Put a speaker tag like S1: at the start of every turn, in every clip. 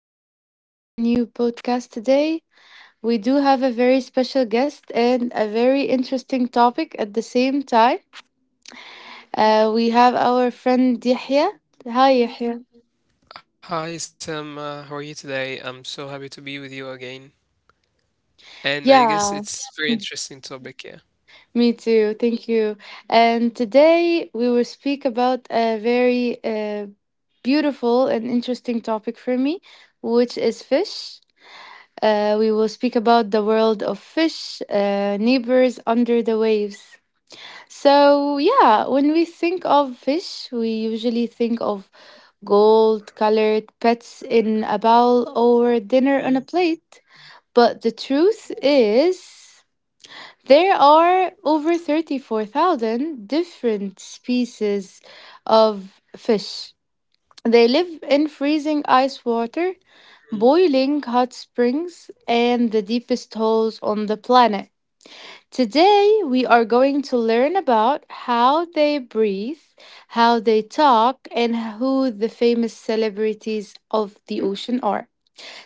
S1: back to our new podcast today. We do have a very special guest and a very interesting topic at the same time. We have our friend Yahya. Hi, Yahya.
S2: Hi Sam, how are you today? I'm so happy to be with you again.
S1: Yeah,
S2: And I guess it's very interesting
S1: me
S2: topic,
S1: too.
S2: yeah.
S1: Thank you. And today we will speak about a very beautiful and interesting topic for me, which is fish. We will speak about the world of fish, neighbors under the waves. So, yeah, when we think of fish, we usually think of gold colored pets in a bowl or dinner on a
S2: mm
S1: plate. But the truth is, there are over 34,000 different species of fish. They live in freezing ice water,
S2: mm,
S1: boiling hot springs, and the deepest holes on the planet. Today, we are going to learn about how they breathe, how they talk, and who the famous celebrities of the ocean are.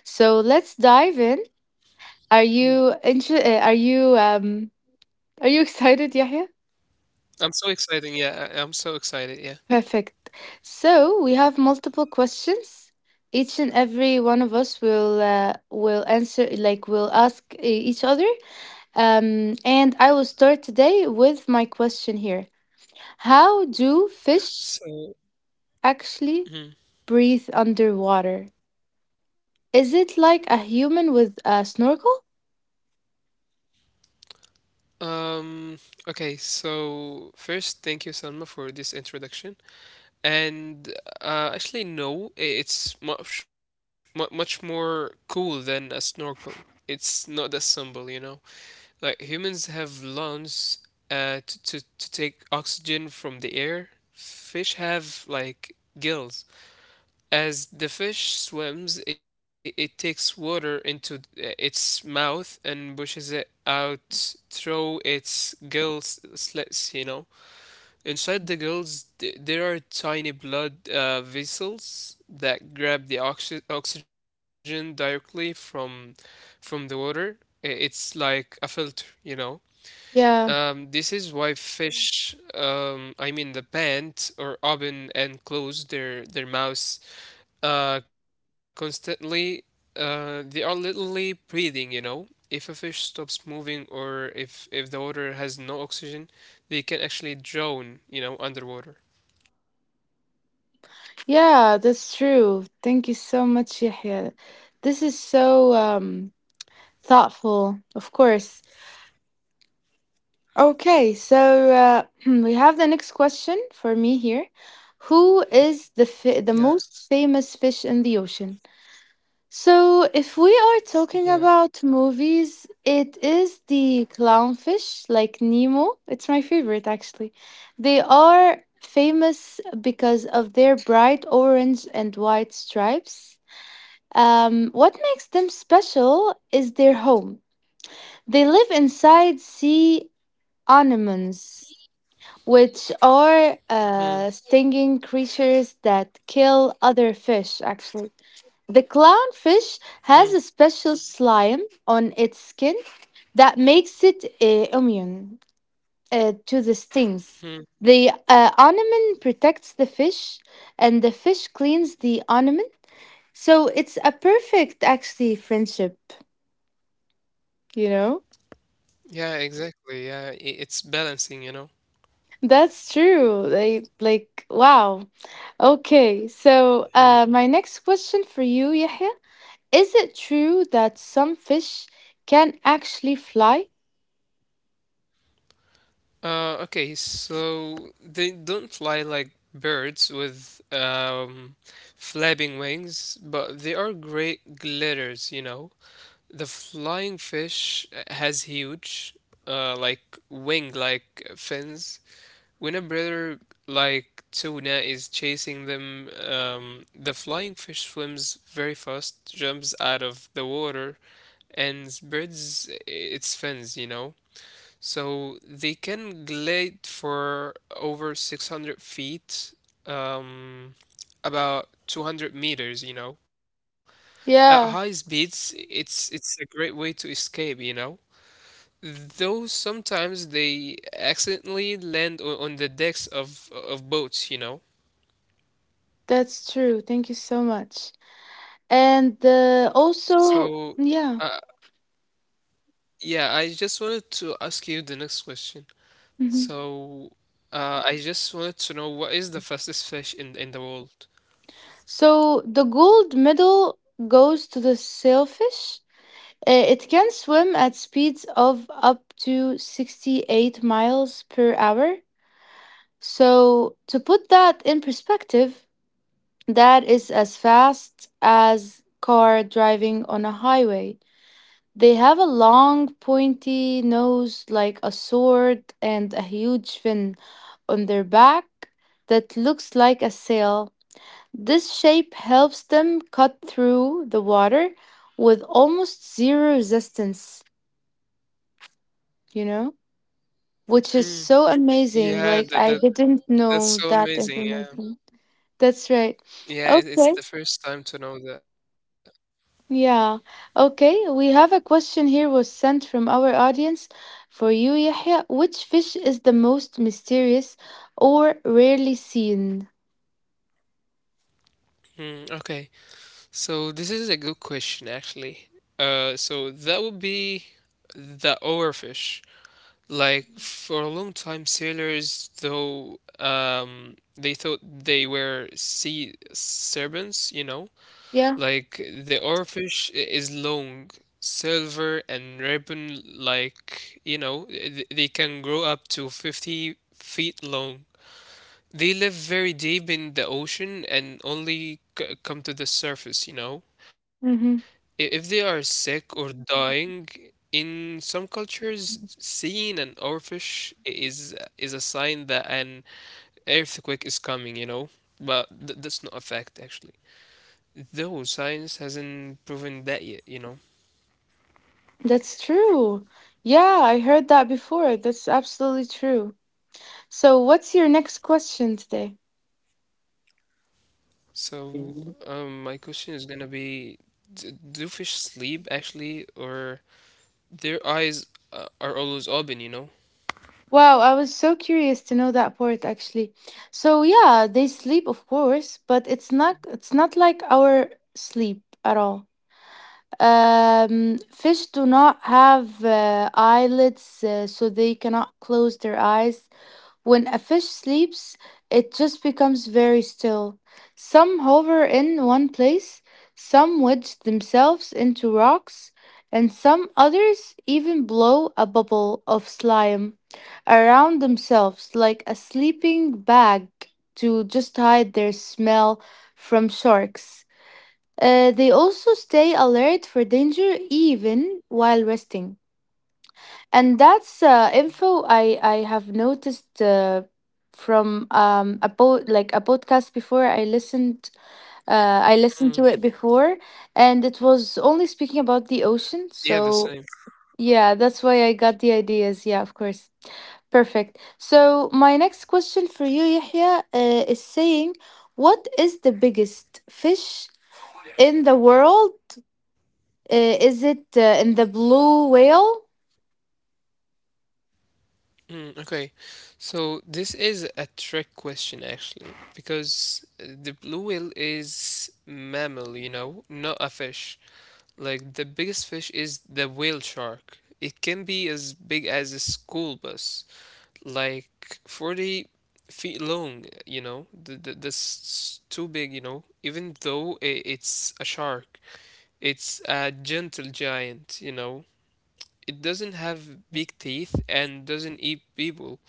S1: So let's dive in.
S2: mm.
S1: Are you inter- are you Are you excited, Yahya?
S2: I'm so excited, yeah. I'm so excited, yeah.
S1: Perfect. So we have multiple questions. Each and every one of us will answer like will ask each other. And I will start today with my question here. How do fish
S2: So,
S1: actually
S2: mhm.
S1: breathe underwater? Is it like a human with a snorkel?
S2: um, okay, so first, thank you, Salma, for this introduction. And actually, no, it's much much more cool than a snorkel. It's not that simple, you know. Like humans have lungs to take oxygen from the air. Fish have like gills. As the fish swims, it takes water into its mouth and pushes it out through its gill slits, you know. Inside the gills, there are tiny blood vessels that grab the oxygen directly from the water. It's like a filter, you know.
S1: Yeah,
S2: This is why fish, I mean the pant or oven, and close their mouths constantly. They are literally breathing, you know. If a fish stops moving or if the water has no oxygen, they can actually drown, you know, underwater.
S1: yeah, that's true. Thank you so much, Yahya. This is so thoughtful, of course. Okay, so we have the next question for me here. Who is the
S2: Yeah,
S1: most famous fish in the ocean? So, if we are talking
S2: yeah.
S1: about movies, it is the clownfish, like Nemo. It's my favorite, actually. They are famous because of their bright orange and white stripes. What makes them special is their home. They live inside sea anemones, which are
S2: Hmm,
S1: stinging creatures that kill other fish, actually. The clownfish
S2: hmm,
S1: has a special slime on its skin that makes it immune to the stings.
S2: hmm.
S1: The ornament protects the fish, and the fish cleans the ornament. So it's a perfect, actually, friendship. You know,
S2: Yeah, exactly. Yeah, it's balancing, you know.
S1: that's true. Like wow. Okay, so
S2: Hmm.
S1: my next question for you, Yahya, is it true that some fish can actually fly?
S2: Okay, so they don't fly like birds with flapping wings, but they are great glitters, you know. The flying fish has huge, like wing like fins. When a predator like tuna is chasing them, the flying fish swims very fast, jumps out of the water, and spreads its fins, you know. So they can glide for over 600 feet, um, about 200 meters, you know. At high
S1: Yeah.
S2: speeds, it's a great way to escape, you know. Though sometimes they accidentally land on the decks of boats, you know.
S1: That's true. Thank you so much. And
S2: So,
S1: also,
S2: uh,
S1: yeah.
S2: yeah, I just wanted to ask you the next question.
S1: Mhm.
S2: So, I just wanted to know what is the fastest fish in the world?
S1: So the gold medal goes to the sailfish. It can swim at speeds of up to 68 miles per hour. So, to put that in perspective, that is as fast as car driving on a highway. They have a long, pointy nose like a sword and a huge fin on their back that looks like a sail. This shape helps them cut through the water with almost zero resistance, you know, which is
S2: Hmm.
S1: so amazing.
S2: Yeah,
S1: Like,
S2: that,
S1: I
S2: that
S1: didn't
S2: that's
S1: know
S2: so
S1: that
S2: amazing. Yeah,
S1: information. That's right.
S2: yeah, it's
S1: Okay.
S2: the first time to know that.
S1: Yeah. Okay, we have a question here was sent from our audience for you, Yahya. Which fish is the most mysterious or rarely seen?
S2: Okay, so this is a good question actually. So that would be the overfish. Like for a long time, sailors though they thought they were sea serpents. You know,
S1: Yeah.
S2: like the overfish is long. Silver and ribbon, like you know, they can grow up to 50 feet long. They live very deep in the ocean and only come to the surface, you know?
S1: Mm-hmm.
S2: If they are sick or dying, in some cultures, seeing an oarfish is a sign that an earthquake is coming, you know? But that's not a fact, actually. Though science hasn't proven that yet, you know?
S1: That's true. Yeah, I heard that before. That's absolutely true. So, what's your next question today?
S2: So, my question is gonna be, do fish sleep actually, or their eyes are always open, you
S1: Wow, I was so curious to know that part actually. So, yeah, they sleep of course, but it's not like our sleep at all. Fish do not have eyelids, so they cannot close their eyes. When a fish sleeps, it just becomes very still. Some hover in one place, some wedge themselves into rocks, and some others even blow a bubble of slime around themselves like a sleeping bag to just hide their smell from sharks. They also stay alert for danger even while resting. And that's info I have noticed from a podcast before. I listened
S2: know?
S1: to it before, and it was only speaking about the
S2: Yeah, the
S1: ocean.
S2: same.
S1: So yeah, that's why I got the ideas. Yeah, of course. Perfect. So my next question for you, Yahya, is saying, what is the biggest fish in the world is it in the blue whale?
S2: Okay, so this is a trick question actually, because the blue whale is mammal, you know, not a fish. Like the biggest fish is the whale shark. It can be as big as a school bus, like 40 feet long, you know. That's too big, you know. Even though I it's a shark, it's a gentle giant, you know. It doesn't have big teeth and doesn't eat people.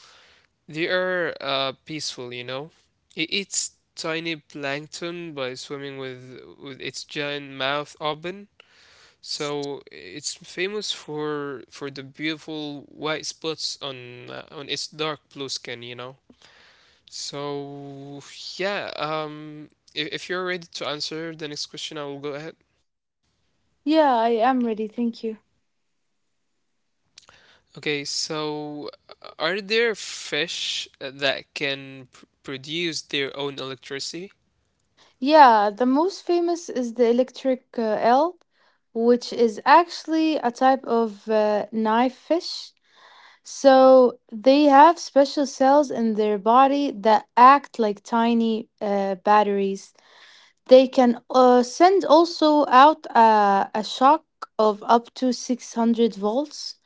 S2: They are peaceful, you know. It eats tiny plankton by swimming with its giant mouth open. So it's famous for the beautiful white spots on its dark blue skin, you know. So yeah, um, if you're ready to answer the next question, I will go ahead.
S1: Yeah, I am ready. Thank you.
S2: Okay, so are there fish that can pr produce their own electricity?
S1: Yeah, the most famous is the electric eel, which is actually a type of knife fish. So they have special cells in their body that act like tiny batteries. They can send also out a shock of up to 600 volts.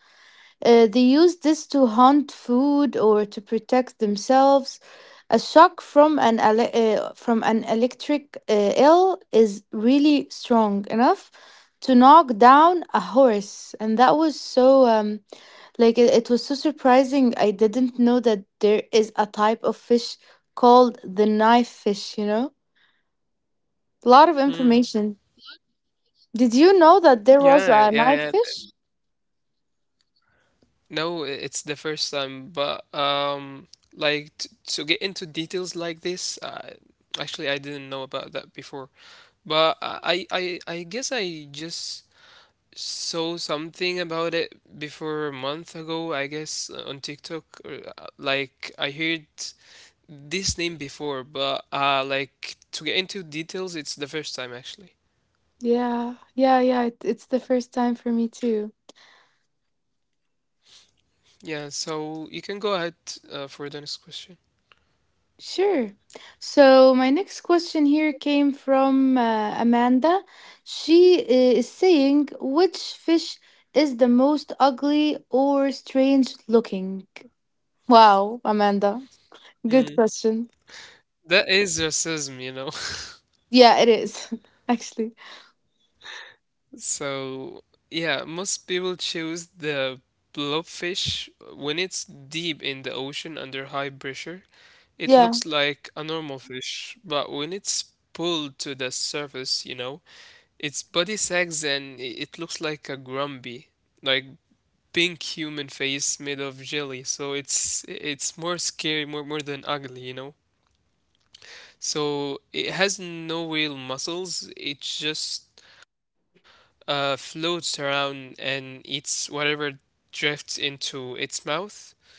S1: They use this to hunt food or to protect themselves. A shock from an electric eel is really strong enough to knock down a horse, and that was so like it was so surprising. I didn't know that there is a type of fish called the knife fish. You know, a lot of
S2: Hmm.
S1: information. Did you know that
S2: Yeah,
S1: there
S2: yeah,
S1: was
S2: yeah.
S1: a knife fish?
S2: No, it's the first time, but like t to get into details like this, actually, I didn't know about that before. But I guess I just saw something about it before a month ago, I guess, on TikTok. Like I heard this name before, but like to get into details, it's the first time actually.
S1: Yeah, yeah, yeah. It, it's the first time for me too.
S2: Yeah, so you can go ahead for the next question.
S1: Sure. So my next question here came from Amanda. She is saying, which fish is the most ugly or strange looking? Wow, Amanda. Good
S2: Mm.
S1: question.
S2: That is racism, you know.
S1: Yeah, it is. Actually.
S2: So yeah, Most people choose the blobfish. When it's deep in the ocean under high pressure, it
S1: Yeah.
S2: looks like a normal fish, but when it's pulled to the surface, you know, its body sags and it looks like a grumpy, like pink human face made of jelly. So it's more scary, more than ugly, you know. So it has no real muscles. It just floats around and eats whatever drifts into its mouth.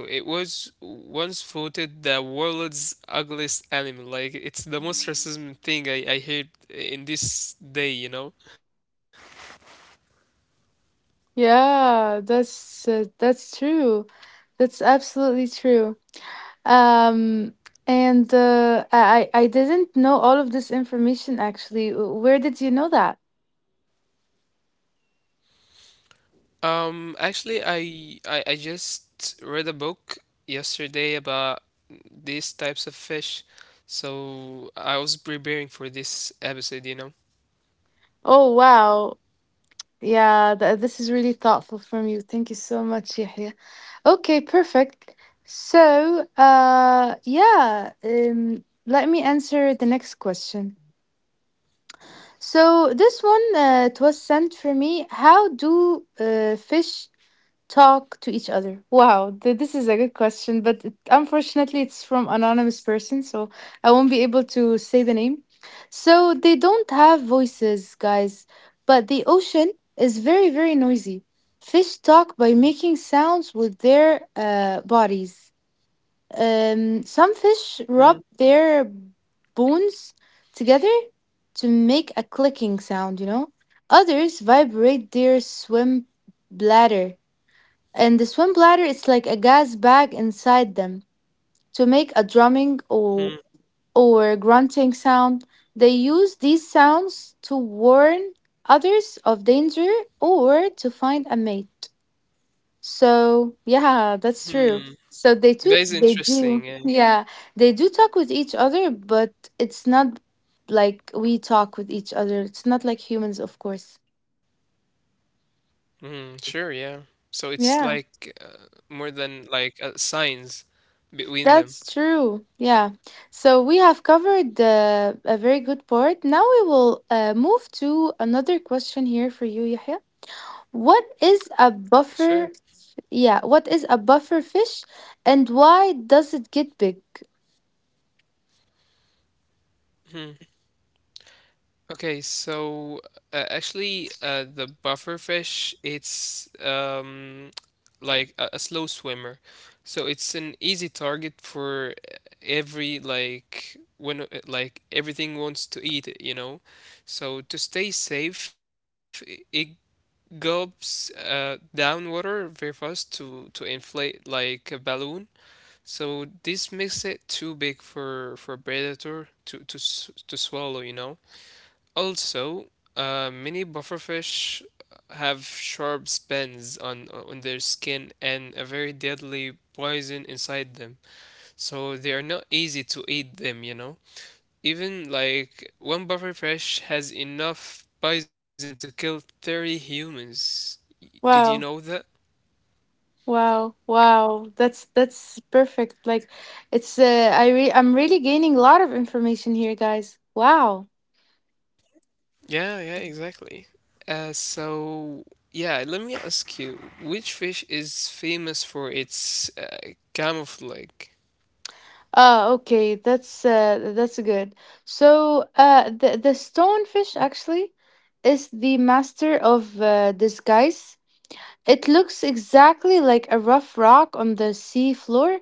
S2: So it was once voted the world's ugliest animal. Like it's the most racism thing I heard in this day, you know.
S1: Yeah, that's true. That's absolutely true. Um, and I didn't know all of this information actually. Where did you know that?
S2: Actually, I I just read a book yesterday about these types of fish, so I was preparing for this episode, you know.
S1: Oh, wow. Yeah, this is really thoughtful from you. Thank you so much, Yahya. Okay, perfect. So, let me answer the next question. So this one it was sent for me. How do fish talk to each other? Wow, this is a good question, but it, unfortunately, it's from anonymous person, so I won't be able to say the name. So they don't have voices, guys, but the ocean is very, very noisy. Fish talk by making sounds with their bodies. Some fish rub
S2: Mm-hmm.
S1: their bones together to make a clicking sound, you know. Others vibrate their swim bladder. And the swim bladder is like a gas bag inside them to make a drumming or grunting sound. They use these sounds to warn others of danger or to find a mate. So yeah, that's true. So they do
S2: That is
S1: they do
S2: interesting. Yeah.
S1: yeah, they do talk with each other, but it's not like we talk with each other. It's not like humans, of course.
S2: Mm, sure. Yeah. So it's
S1: Yeah,
S2: like more than like signs between them.
S1: that's true. Yeah. So we have covered a very good part. Now we will move to another question here for you, Yahya. What is a
S2: Sure.
S1: buffer? Yeah, what is a buffer fish and why does it get big?
S2: Okay, so the bufferfish, it's like a slow swimmer, so it's an easy target for every like when like everything wants to eat it, you know. So to stay safe, it gulps down water very fast to inflate like a balloon. So this makes it too big for a predator to to swallow, you know. Also, many bufferfish have sharp spines on their skin and a very deadly poison inside them, so they are not easy to eat them, you know. Even like one bufferfish has enough poison to kill 30 humans. Did you know
S1: Wow.
S2: that?
S1: Wow, wow. That's perfect. Like it's I re I'm really gaining a lot of information here, guys. Wow.
S2: Yeah, yeah, exactly. So yeah, let me ask you, which fish is famous for its camouflage?
S1: Okay, that's good. So the stonefish actually is the master of disguise. It looks exactly like a rough rock on the sea floor.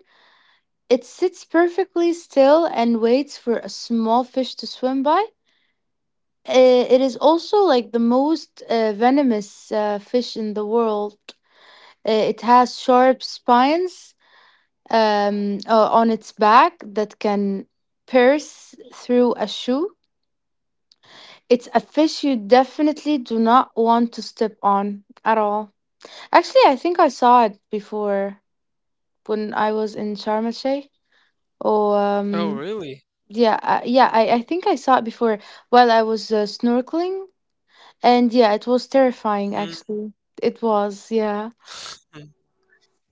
S1: It sits perfectly still and waits for a small fish to swim by. It is also like the most venomous fish in the world. It has sharp spines on its back that can pierce through a shoe. It's a fish you definitely do not want to step on at all. Actually, I think I saw it before when I was in Sharm el Sheikh. Or
S2: Oh, really?
S1: yeah, yeah, I think I saw it before while I was snorkeling. And yeah, it was terrifying actually. It was, yeah.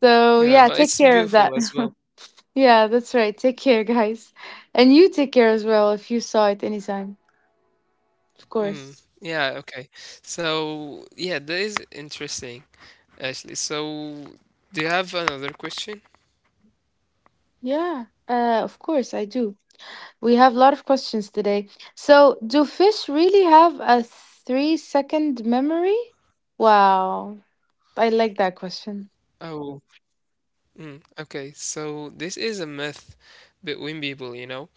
S1: So
S2: Yeah, but
S1: yeah,
S2: it's
S1: take care of
S2: beautiful
S1: that.
S2: as well.
S1: yeah, that's right. Take care, guys. And you take care as well if you saw it anytime. Of course.
S2: Mm, yeah, okay. So, yeah, that is interesting, actually. So, do you have another question?
S1: Yeah. Of course I do. We have a lot of questions today. So, do fish really have a 3 second memory? Wow. I like that question.
S2: Oh, okay. So, this is a myth between people, you know,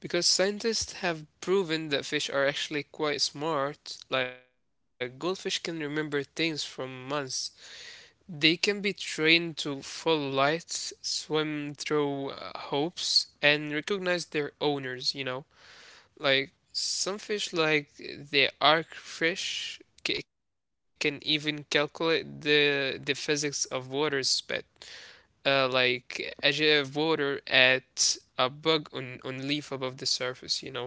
S2: because scientists have proven that fish are actually quite smart. Like, goldfish can remember things from months. They can be trained to follow lights, swim through hopes, and recognize their owners, you know. Like some fish, like the arc fish, can even calculate the physics of water spat. Like a jet of water at a bug on leaf above the surface, you know.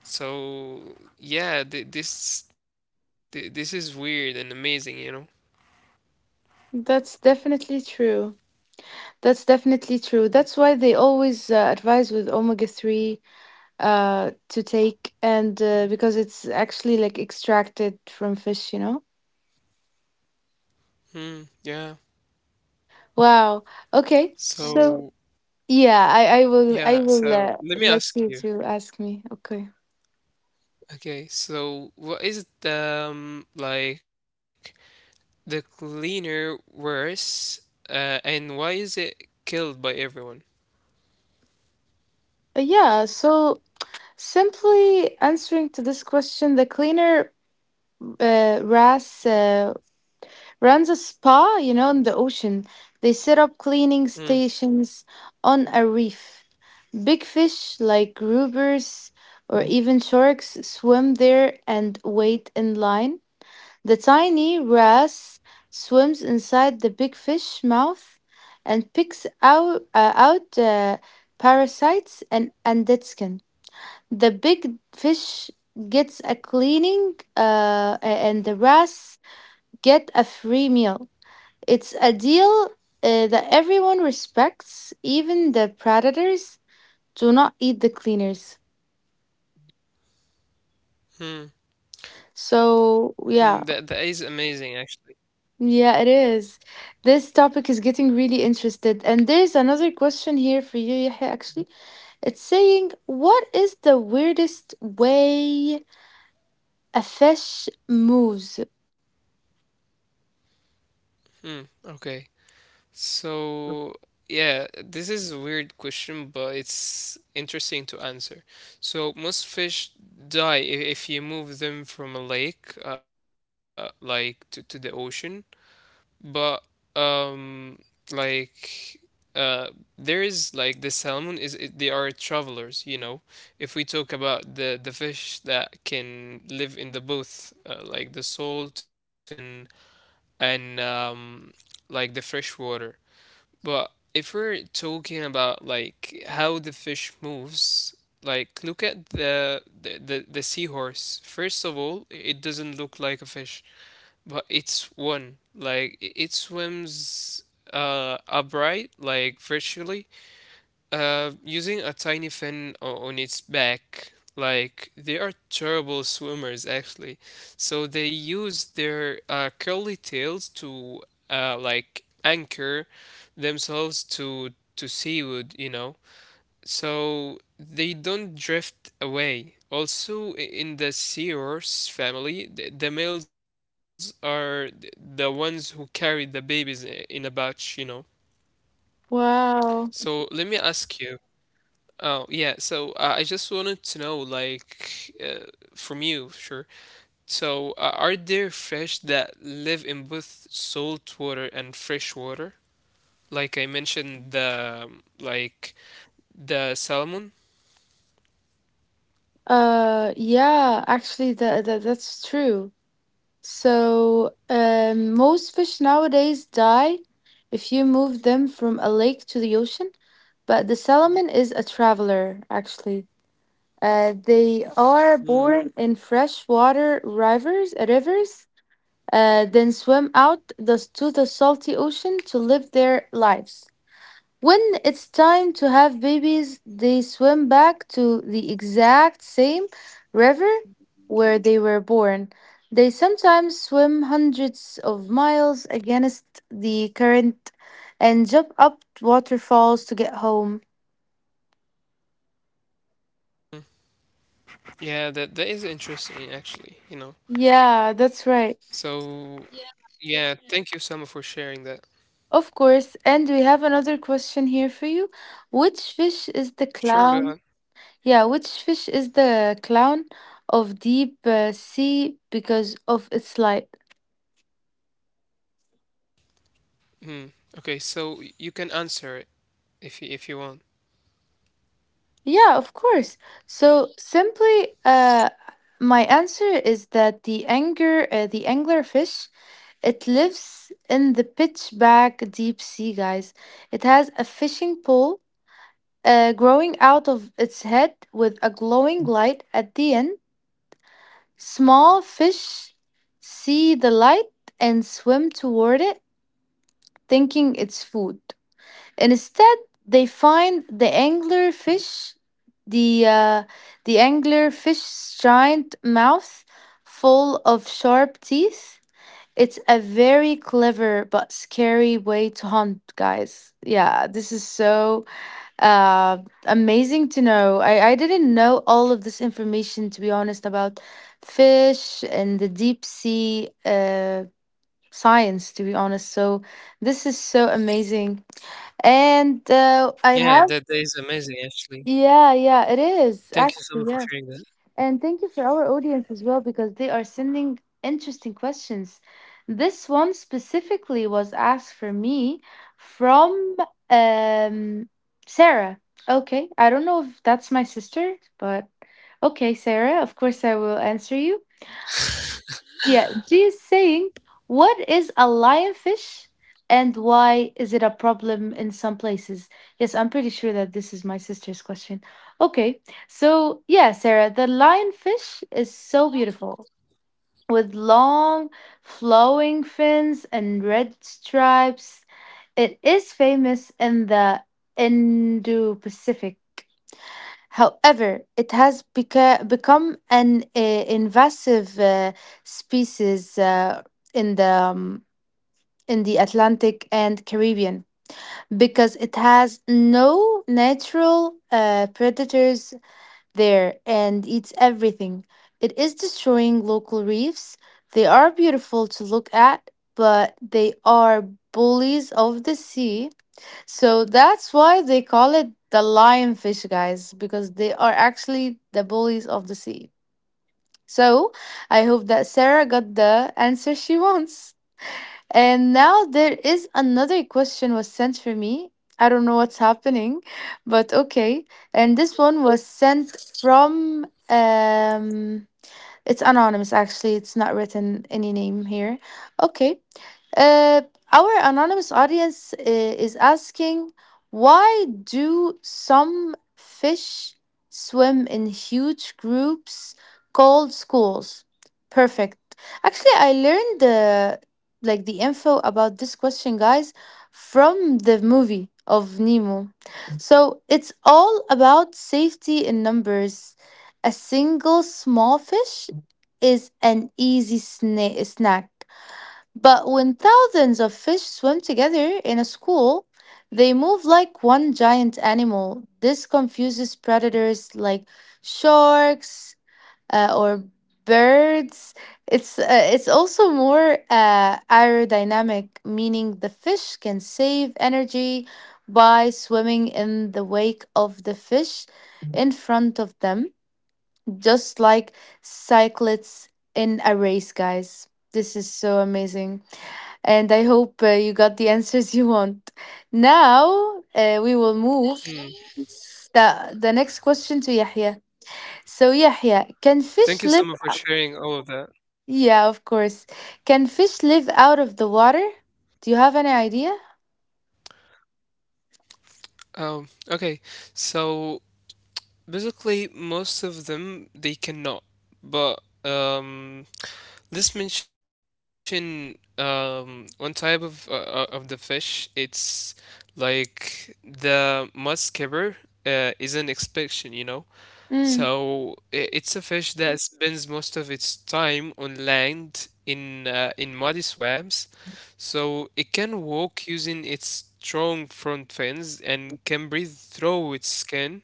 S2: So yeah, this is weird and amazing, you know.
S1: That's definitely true. That's definitely true. That's why they always advise with omega 3 to take and because it's actually like extracted from fish, you know.
S2: Hmm. Yeah.
S1: Wow. Okay, so
S2: So
S1: yeah, i i will
S2: yeah.
S1: i will
S2: So
S1: uh,
S2: let me
S1: let
S2: ask
S1: you
S2: you.
S1: to ask me. Okay.
S2: Okay. So what is it? Like the cleaner worse, and why is it killed by everyone?
S1: Yeah, so simply answering to this question, the cleaner ras runs a spa, you know, in the ocean. They set up cleaning
S2: Hmm,
S1: stations on a reef. Big fish like groupers or even sharks swim there and wait in line. The tiny wrasse swims inside the big fish mouth and picks out parasites and dead skin. The big fish gets a cleaning, and the wrasse get a free meal. It's a deal that everyone respects, even the predators do not eat the cleaners.
S2: hmm, That
S1: So,
S2: that is
S1: yeah,
S2: amazing, actually.
S1: yeah, it is. This topic is getting really interested. And there's another question here for you, Yahya, actually. It's saying, what is the weirdest way a fish moves?
S2: Hmm. Okay. So yeah, this is a weird question, but it's interesting to answer. So most fish die if you move them from a lake, like to the ocean. But um like uh there is like the salmon is it, they are travelers, you know. If we talk about the fish that can live in the both like the salt and like the fresh water. But if we're talking about like how the fish moves, like look at the seahorse. First of all, it doesn't look like a fish but it's one. Like it swims upright, like virtually using a tiny fin on its back. Like they are terrible swimmers, actually. So they use their curly tails to like anchor themselves to seaweed, you know, so they don't drift away. Also, in the sea horse family, the males are the ones who carry the babies in a batch, you know.
S1: Wow.
S2: So let me ask you. Oh, yeah. I just wanted to know, like, from you, sure. So are there fish that live in both salt water and fresh water? Like I mentioned, the like the salmon.
S1: Yeah, actually, that's true. So, most fish nowadays die if you move them from a lake to the ocean, but the salmon is a traveler, actually. They are born in freshwater rivers, then swim to the salty ocean to live their lives. When it's time to have babies, they swim back to the exact same river where they were born. They sometimes swim hundreds of miles against the current and jump up waterfalls to get home.
S2: Yeah, that that is interesting actually, you know.
S1: Yeah, that's right.
S2: Yeah, yeah, yeah, thank you, Selma, for sharing that.
S1: Of course. And we have another question here for you. Which fish is the
S2: Sure, go
S1: clown?
S2: ahead.
S1: Yeah, which fish is the clown of deep sea because of its light?
S2: Hmm. Okay, so you can answer it if you want.
S1: Yeah, of course. So simply, my answer is that the anglerfish, it lives in the pitch black deep sea, guys. It has a fishing pole growing out of its head with a glowing light at the end. Small fish see the light and swim toward it, thinking it's food. Instead, they find the angler fish, the uh, the anglerfish's giant mouth full of sharp teeth. It's a very clever but scary way to hunt, guys. Yeah, this is so uh, amazing to know. I didn't know all of this information, to be honest, about fish and the deep sea science, to be honest. So, this is so amazing. And I
S2: Yeah, that
S1: have,
S2: that is amazing actually.
S1: yeah, yeah, it is
S2: Thank you, Selma,
S1: actually,
S2: for
S1: yeah.
S2: sharing that.
S1: And thank you for our audience as well because they are sending interesting questions. This one specifically was asked for me from um, Sarah. Okay, I don't know if that's my sister, but okay, Sarah, of course I will answer you. Yeah, G is saying, what is a lionfish and why is it a problem in some places? Yes, I'm pretty sure that this is my sister's question. Okay, so yeah, Sarah, the lionfish is so beautiful with long flowing fins and red stripes. It is famous in the Indo Pacific. However, it has become an invasive species in the um, in the Atlantic and Caribbean because it has no natural predators there and eats everything. It is destroying local reefs. They are beautiful to look at, but they are bullies of the sea. So that's why they call it the lionfish, guys, because they are actually the bullies of the sea. So I hope that Sarah got the answer she wants. And now there is another question was sent for me. I don't know what's happening, but okay. And this one was sent from it's anonymous actually. It's not written any name here. Okay. Uh, our anonymous audience is asking why do some fish swim in huge groups called schools? Perfect. Actually, I learned the like the info about this question, guys, from the movie of Nemo. So it's all about safety in numbers. A single small fish is an easy snack but when thousands of fish swim together in a school, they move like one giant animal. This confuses predators like sharks or birds. It's also more aerodynamic, meaning the fish can save energy by swimming in the wake of the fish in front of them, just like cyclists in a race, guys. This is so amazing and I hope you got the answers you want. Now we will move
S2: Hmm.
S1: the next question to Yahya. So Yahya, can fish
S2: Thank you,
S1: live?
S2: Selma, for sharing all of that.
S1: Yeah, of course. Can fish live out of the water? Do you have any idea?
S2: Okay, so basically, most of them they cannot, but. Let's mention one type of the fish. It's like the muskever is an exception, you know.
S1: Mm,
S2: So it's a fish that spends most of its time on land in muddy swamps. So it can walk using its strong front fins and can breathe through its skin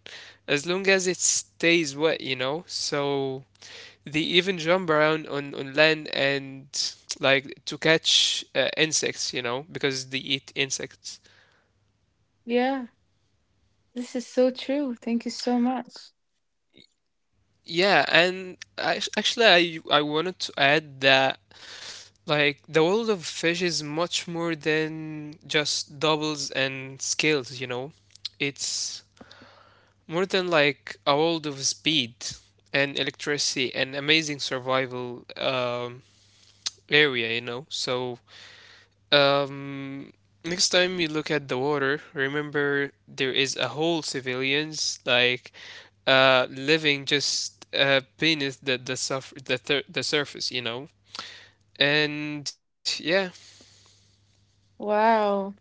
S2: as long as it stays wet, you know. So they even jump around on land and like to catch insects, you know, because they eat insects.
S1: yeah, this is so true. Thank you so much.
S2: Yeah, and I, actually, I wanted to add that like the world of fish is much more than just doubles and scales, you know. It's more than like a world of speed and electricity and amazing survival area, you know. Um, Next time you look at the water, remember there is a whole civilians like living just beneath the surf the thir the surface, you know. And yeah,
S1: Wow,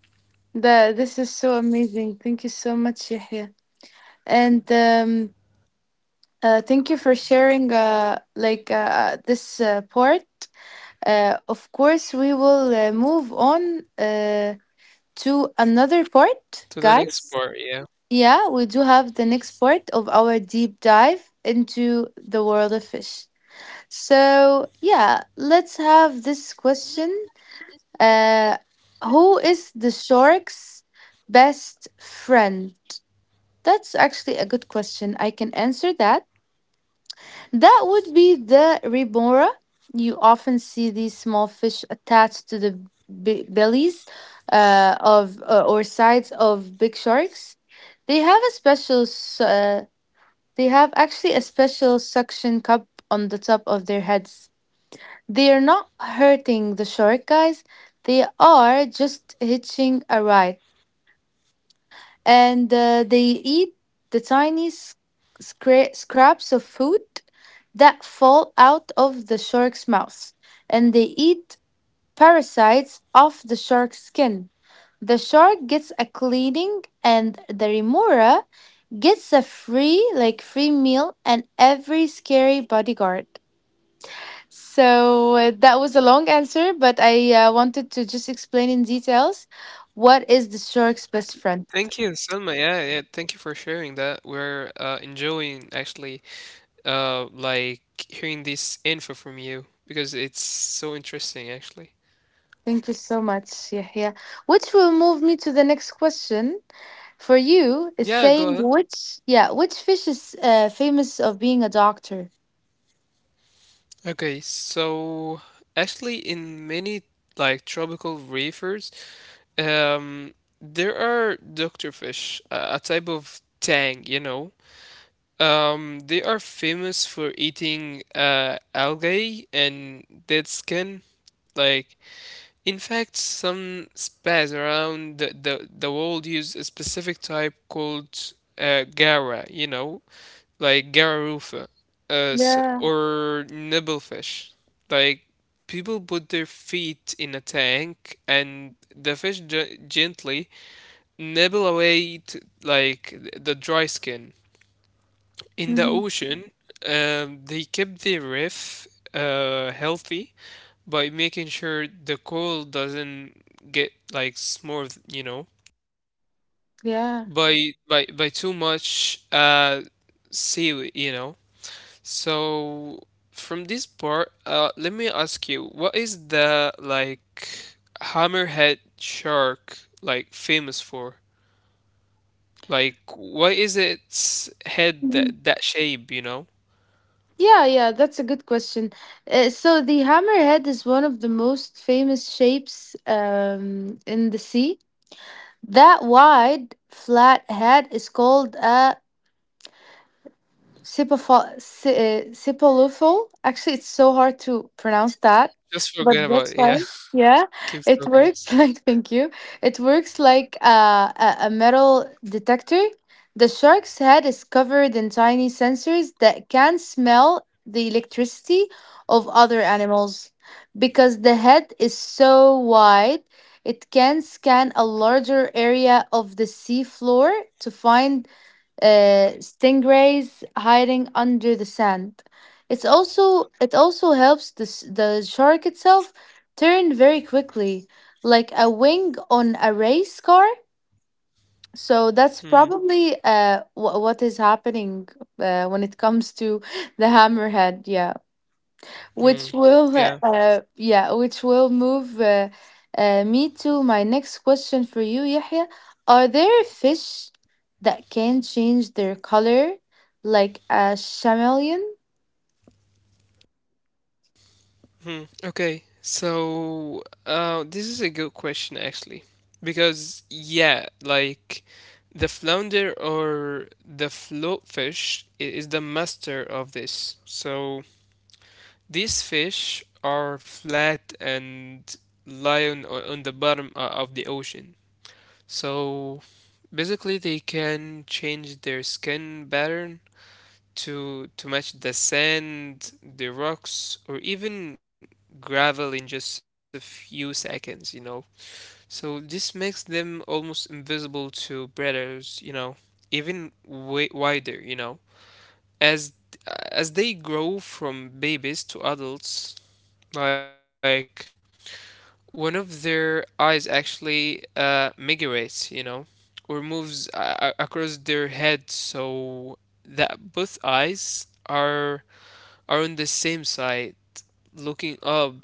S1: the this is so amazing. Thank you so much, Yahya, and thank you for sharing this part. Of course, we will move on to another
S2: to the
S1: part,
S2: next part, yeah.
S1: guys. Yeah, we do have the next part of our deep dive into the world of fish. So, yeah, let's have this question uh, who is the shark's best friend? That's actually a good question. I can answer that. That would be the remora. You often see these small fish attached to the bellies of or sides of big sharks. They have a special. s- Uh, they have actually a special suction cup on the top of their heads. They are not hurting the shark, guys. They are just hitching a ride and they eat the tiny scraps of food that fall out of the shark's mouth, and they eat parasites off the shark's skin. The shark gets a cleaning, and the remora gets a free, like free meal, and every scary bodyguard. So that was a long answer, but I wanted to just explain in details what is the shark's best friend.
S2: Thank you, Selma. Yeah, yeah. Thank you for sharing that. We're enjoying actually, uh, like hearing this info from you because it's so interesting actually.
S1: Thank you so much, Yahya. Which will move me to the next question for you is
S2: Yeah, go ahead.
S1: saying which yeah, which fish is famous of being a doctor?
S2: Okay, so actually, in many like tropical reefers, um, there are doctor fish, a type of tang, you know. They are famous for eating algae and dead skin. Like, in fact, some spas around the world use a specific type called, gara, you know, like Gararufa
S1: Yeah.
S2: or nibblefish. Like people put their feet in a tank and the fish gently nibble away the dry skin. In the
S1: Hmm.
S2: ocean, they keep the reef, healthy by making sure the coral doesn't get like smooth, you know,
S1: Yeah.
S2: by by too much seaweed, you know. So from this part, let me ask you, what is the like hammerhead shark like famous for? Like, why is its head
S1: Mhm.
S2: that shape, you know?
S1: Yeah, yeah, that's a good question. So the hammerhead is one of the most famous shapes in the sea. That wide, flat head is called a Sipolufo. Actually, it's so hard to pronounce that,
S2: Just forget
S1: but
S2: about
S1: that's
S2: it. Yeah,
S1: fine. Yeah,
S2: keep
S1: it
S2: talking.
S1: works like, thank you. It works like a metal detector. The shark's head is covered in tiny sensors that can smell the electricity of other animals. Because the head is so wide, it can scan a larger area of the sea floor to find stingrays hiding under the sand. It also helps the shark itself turn very quickly, like a wing on a race car. So that's
S2: Hmm.
S1: probably what is happening when it comes to the hammerhead. Yeah
S2: Hmm.
S1: which will
S2: Yeah.
S1: move me to my next question for you Yahya, are there fish that can change their color like a chameleon?
S2: Hmm. Okay, so this is a good question actually, because yeah, like the flounder or the float fish is the master of this. So these fish are flat and lie on, on the bottom, of the ocean. So basically, they can change their skin pattern to match the sand, the rocks, or even gravel in just a few seconds, you know. So this makes them almost invisible to predators, you know, even way wider, you know. As as they grow from babies to adults, like one of their eyes actually, migrates, you know, or moves, across their head so that both eyes are on the same side looking up.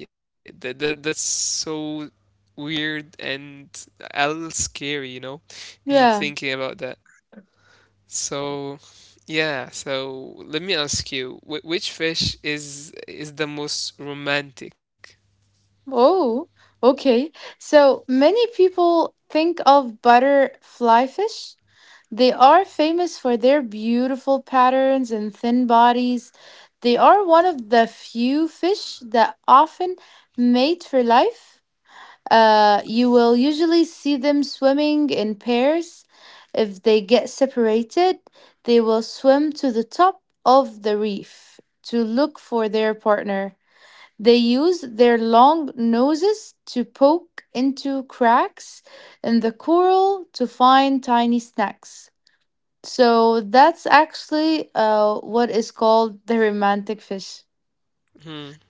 S2: Yeah, that's so weird and a little scary, you know, in
S1: Yeah.
S2: thinking about that. So, yeah, so let me ask you, which fish is the most romantic?
S1: Oh, okay. So many people think of butterfly fish. They are famous for their beautiful patterns and thin bodies. They are one of the few fish that often mate for life. You will usually see them swimming in pairs. If they get separated, they will swim to the top of the reef to look for their partner. They use their long noses to poke into cracks in the coral to find tiny snacks. So that's actually what is called the romantic fish,
S2: Hmm.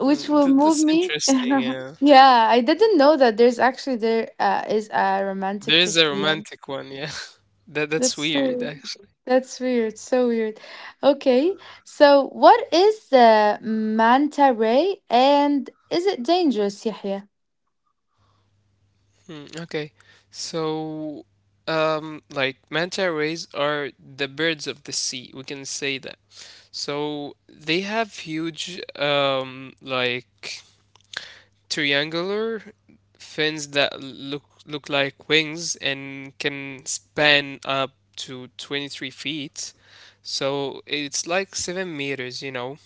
S1: which will
S2: Mm,
S1: move
S2: that's
S1: me.
S2: interesting, yeah.
S1: Yeah, I didn't know that there is a romantic
S2: There is
S1: fish.
S2: a
S1: Dion.
S2: romantic one, yeah. That's
S1: That's
S2: weird.
S1: true. That's weird. So weird. Okay. So what is the manta ray and is it dangerous, Yahya?
S2: Mm, okay. So, like manta rays are the birds of the sea. We can say that. So they have huge, like triangular fins that look like wings and can span up to 23 feet. So it's like 7 meters, you know.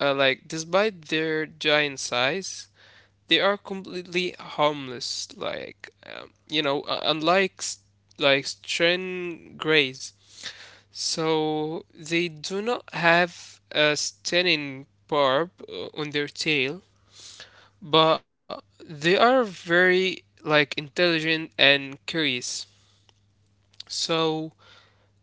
S2: Like despite their giant size, they are completely harmless. Like you know, unlike like strain grays, so they do not have a stunning barb, on their tail, but they are very like intelligent and curious. So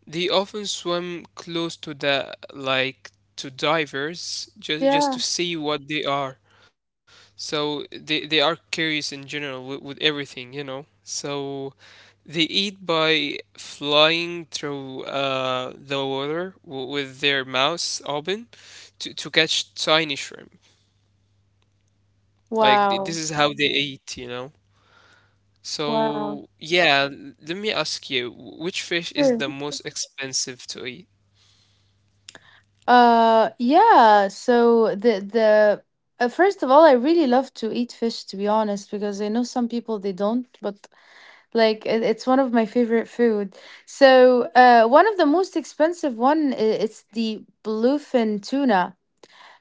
S2: they often swim close to the like to divers just to
S1: Yeah.
S2: see what they are. So they are curious in general with everything, you know. So they eat by flying through, the water with their mouths open to catch tiny shrimp. Like this
S1: Wow.
S2: is how they eat, you know.
S1: Wow.
S2: So yeah, let me ask you, which fish is
S1: Sure.
S2: the most expensive to eat?
S1: Yeah, so the first of all, I really love to eat fish to be honest because I know some people they don't, but like it's one of my favorite food. So, one of the most expensive it's the bluefin tuna.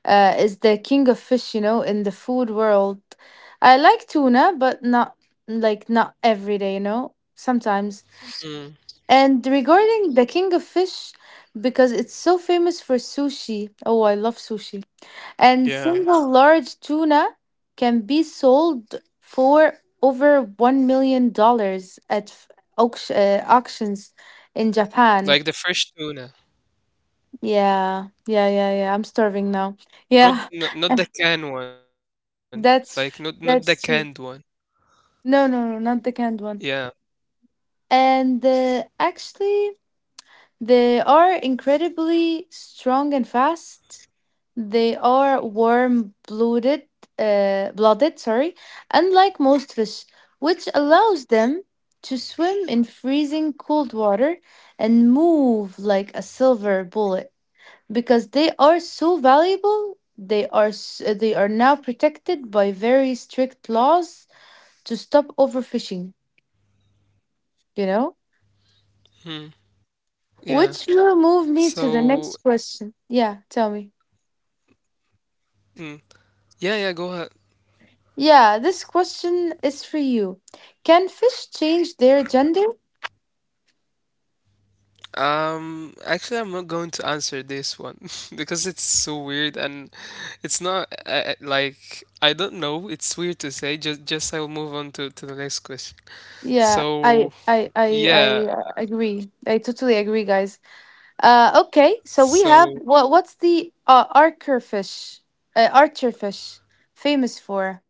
S1: Is the king of fish, you know, in the food world. I like tuna, but not every day, you know. Sometimes.
S2: Mm,
S1: And regarding the king of fish, because it's so famous for sushi. Oh, I love sushi. And single
S2: yeah,
S1: large tuna can be sold for over $1 million at auction, auctions in Japan.
S2: like the fresh tuna,
S1: Yeah, yeah, yeah, yeah. I'm starving now. Yeah,
S2: not the canned one, like not
S1: that's
S2: not the canned
S1: that's
S2: one.
S1: true. No, no, no, not the canned
S2: Yeah.
S1: one. And actually, they are incredibly strong and fast. They are warm-blooded, blooded, sorry, unlike most fish, which allows them to swim in freezing cold water and move like a silver bullet. Because they are so valuable, they are now protected by very strict laws to stop overfishing, you know?
S2: Hmm. Yeah.
S1: Which will move me to
S2: So,
S1: the next question. Yeah, tell me.
S2: mm, yeah, yeah, go ahead.
S1: Yeah, this question is for you. Can fish change their gender?
S2: Actually, I'm not going to answer this one because it's so weird and it's not, like I don't know. It's weird to say. Just I will move on to the next question.
S1: Yeah, I
S2: So,
S1: I I I
S2: yeah.
S1: uh, agree. I totally agree, guys. Okay, so we have
S2: So.
S1: what's the archer fish? Archer fish famous for?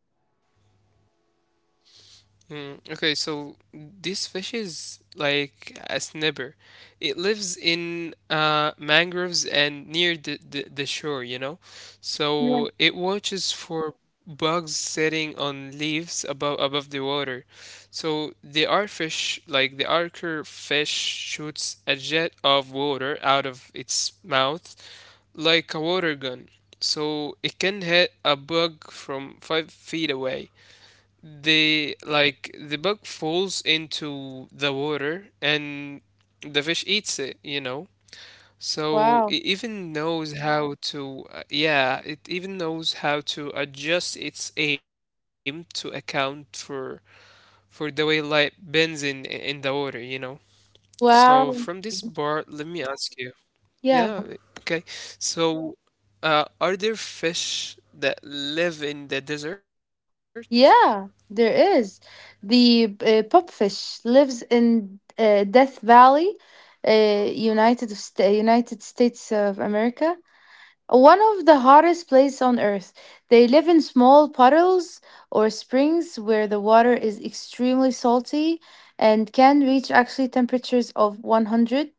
S2: Mm, okay, so this fish is like a snapper. It lives in, mangroves and near the shore, you know?
S1: Yeah.
S2: So it watches for bugs sitting on leaves above the water. So the artfish, like the archer fish, shoots a jet of water out of its mouth like a water gun. So it can hit a bug from 5 feet away. They like the bug falls into the water and the fish eats it, you know? So
S1: Wow.
S2: it even knows how to, it even knows how to adjust its aim to account for the way light bends in the water, you know? So from this
S1: Wow.
S2: part, let me ask you. Yeah,
S1: Yeah.
S2: okay. So, are there fish that live in the desert?
S1: Yeah, there is. The pupfish lives in Death Valley, United States of America. One of the hottest places on earth. They live in small puddles or springs where the water is extremely salty and can reach actually temperatures of 100.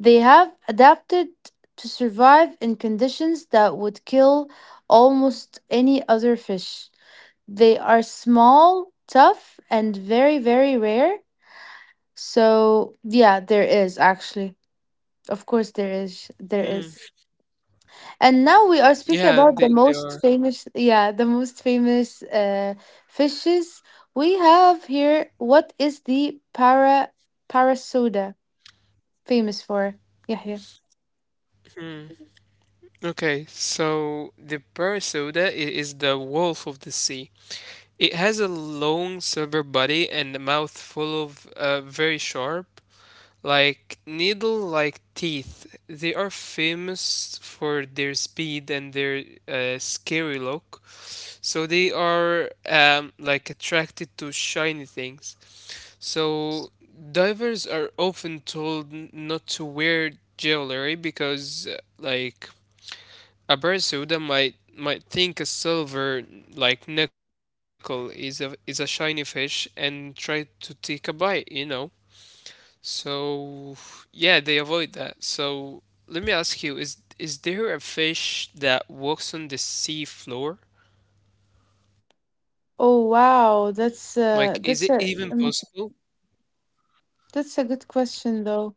S1: They have adapted to survive in conditions that would kill almost any other fish. They are small, tough, and very, very rare. So, yeah, there is actually. Of course, there is. There
S2: Hmm.
S1: is. And now we are speaking
S2: Yeah,
S1: about the
S2: they
S1: most
S2: are.
S1: famous, yeah, the most famous fishes we have here. What is the parasoda famous for? Yeah, yeah.
S2: Okay, so the Parasauda is the wolf of the sea. It has a long silver body and a mouth full of, very sharp, like needle-like teeth. They are famous for their speed and their, scary look. So they are, like attracted to shiny things. So divers are often told not to wear jewelry because, like a barracuda might think a silver like nickel is a shiny fish and try to take a bite, you know. So yeah, they avoid that. So let me ask you, is there a fish that walks on the sea floor?
S1: Oh wow,
S2: Like, is it even possible?
S1: that's a good question though.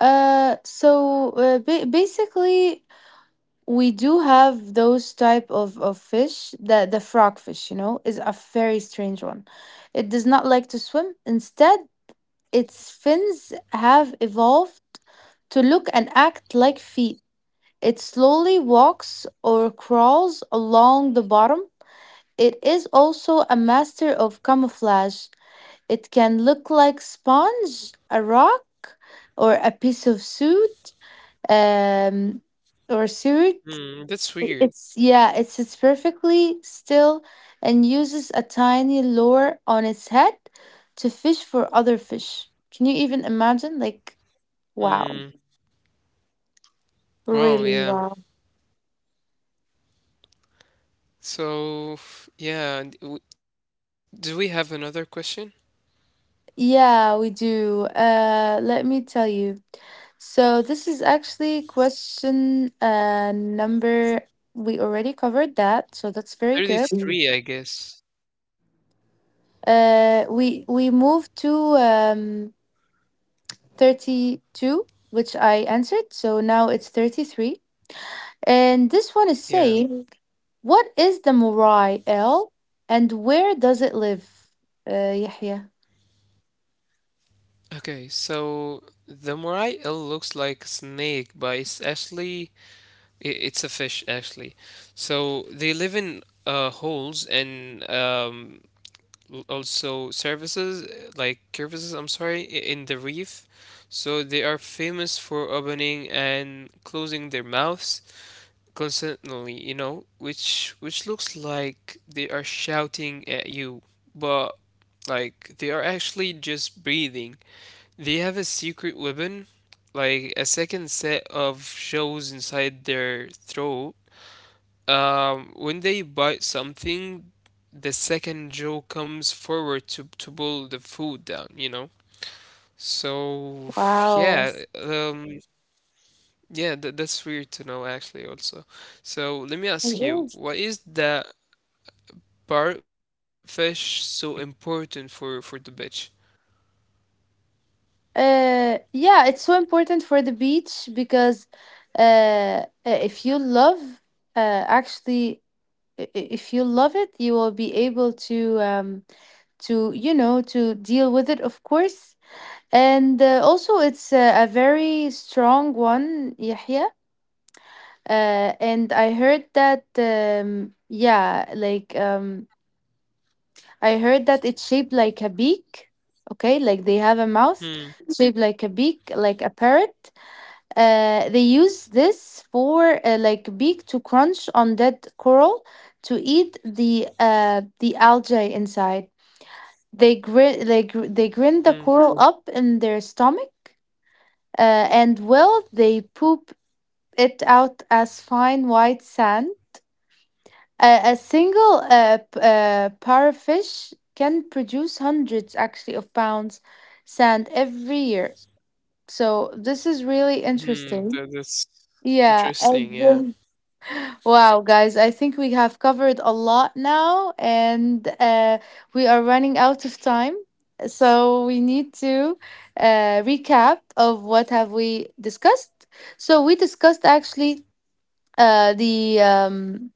S1: Basically, we do have those type of fish. The frogfish, you know, is a very strange one. It does not like to swim. Instead, its fins have evolved to look and act like feet. It slowly walks or crawls along the bottom. It is also a master of camouflage. It can look like sponge, a rock, or a piece of suit, um, or suit.
S2: Hmm, that's weird.
S1: It's yeah, it sits perfectly still and uses a tiny lure on its head to fish for other fish. Can you even imagine? Like, wow.
S2: Hmm. Wow,
S1: Really
S2: yeah.
S1: wow.
S2: So yeah, and do we have another question?
S1: Yeah, we do. Let me tell you. So this is actually question number we already covered that, so that's very good.
S2: 33, I guess.
S1: We moved to um 32, which I answered, so now it's 33. And this one is
S2: Yeah.
S1: saying, what is the Morai L and where does it live? Yahya.
S2: Okay, so the moray eel looks like a snake, but it's actually it's a fish actually. So they live in, holes and, also surfaces like crevices. I'm sorry, in the reef. So they are famous for opening and closing their mouths constantly, you know, which looks like they are shouting at you, but like they are actually just breathing. They have a secret weapon, like a second set of shells inside their throat. When they bite something, the second jaw comes forward to pull the food down, you know? So
S1: Wow.
S2: yeah, yeah, that's weird to know actually also. So let me
S1: It
S2: ask you,
S1: is.
S2: why is the parrotfish so important for the beach?
S1: Yeah, it's so important for the beach because if you love, actually, I- if you love it, you will be able to you know to deal with it of course and also it's a very strong one Yahya. And I heard that, yeah, like I heard that it's shaped like a beak. Okay, like they have a mouth
S2: Hmm,
S1: shaped like a beak, like a parrot. They use this for beak to crunch on dead coral to eat the the algae inside. They
S2: hmm,
S1: grind the coral Mm. up in their stomach, and well, they poop it out as fine white sand. A single parrotfish can produce hundreds, actually, of pounds sand every year. So this is really interesting.
S2: that, that's
S1: Yeah.
S2: interesting, yeah.
S1: Wow, guys, I think we have covered a lot now, and we are running out of time. So we need to recap of what have we discussed. So we discussed actually the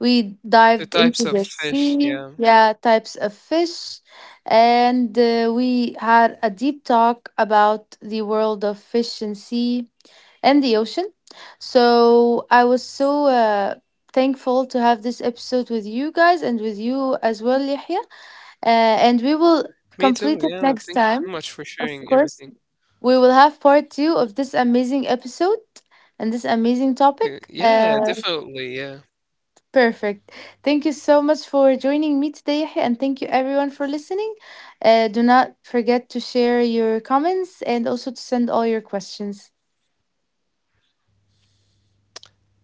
S1: we dived
S2: The
S1: into
S2: types
S1: the
S2: of fish,
S1: sea,
S2: yeah.
S1: yeah, types of fish, and we had a deep talk about the world of fish and sea and the ocean. So I was so thankful to have this episode with you guys and with you as well, Yahya. And we will
S2: Me too,
S1: complete it
S2: yeah.
S1: next
S2: Thank you so
S1: time,
S2: much for
S1: of
S2: sharing
S1: course.
S2: everything.
S1: We will have part two of this amazing episode and this amazing topic.
S2: Yeah, definitely, yeah.
S1: Perfect. Thank you so much for joining me today, Yahya, and thank you everyone for listening. Do not forget to share your comments and also to send all your questions.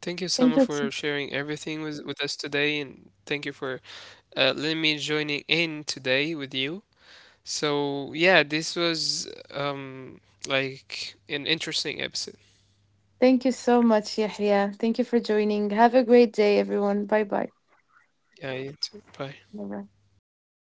S2: Thank you so much for sharing everything with us today, and thank you for, letting me joining in today with you. So yeah, this was, um, like an interesting episode.
S1: Thank you so much, Yahya. Thank you for joining. Have a great day, everyone. Bye bye.
S2: Yeah, you too. Bye.
S1: Bye bye.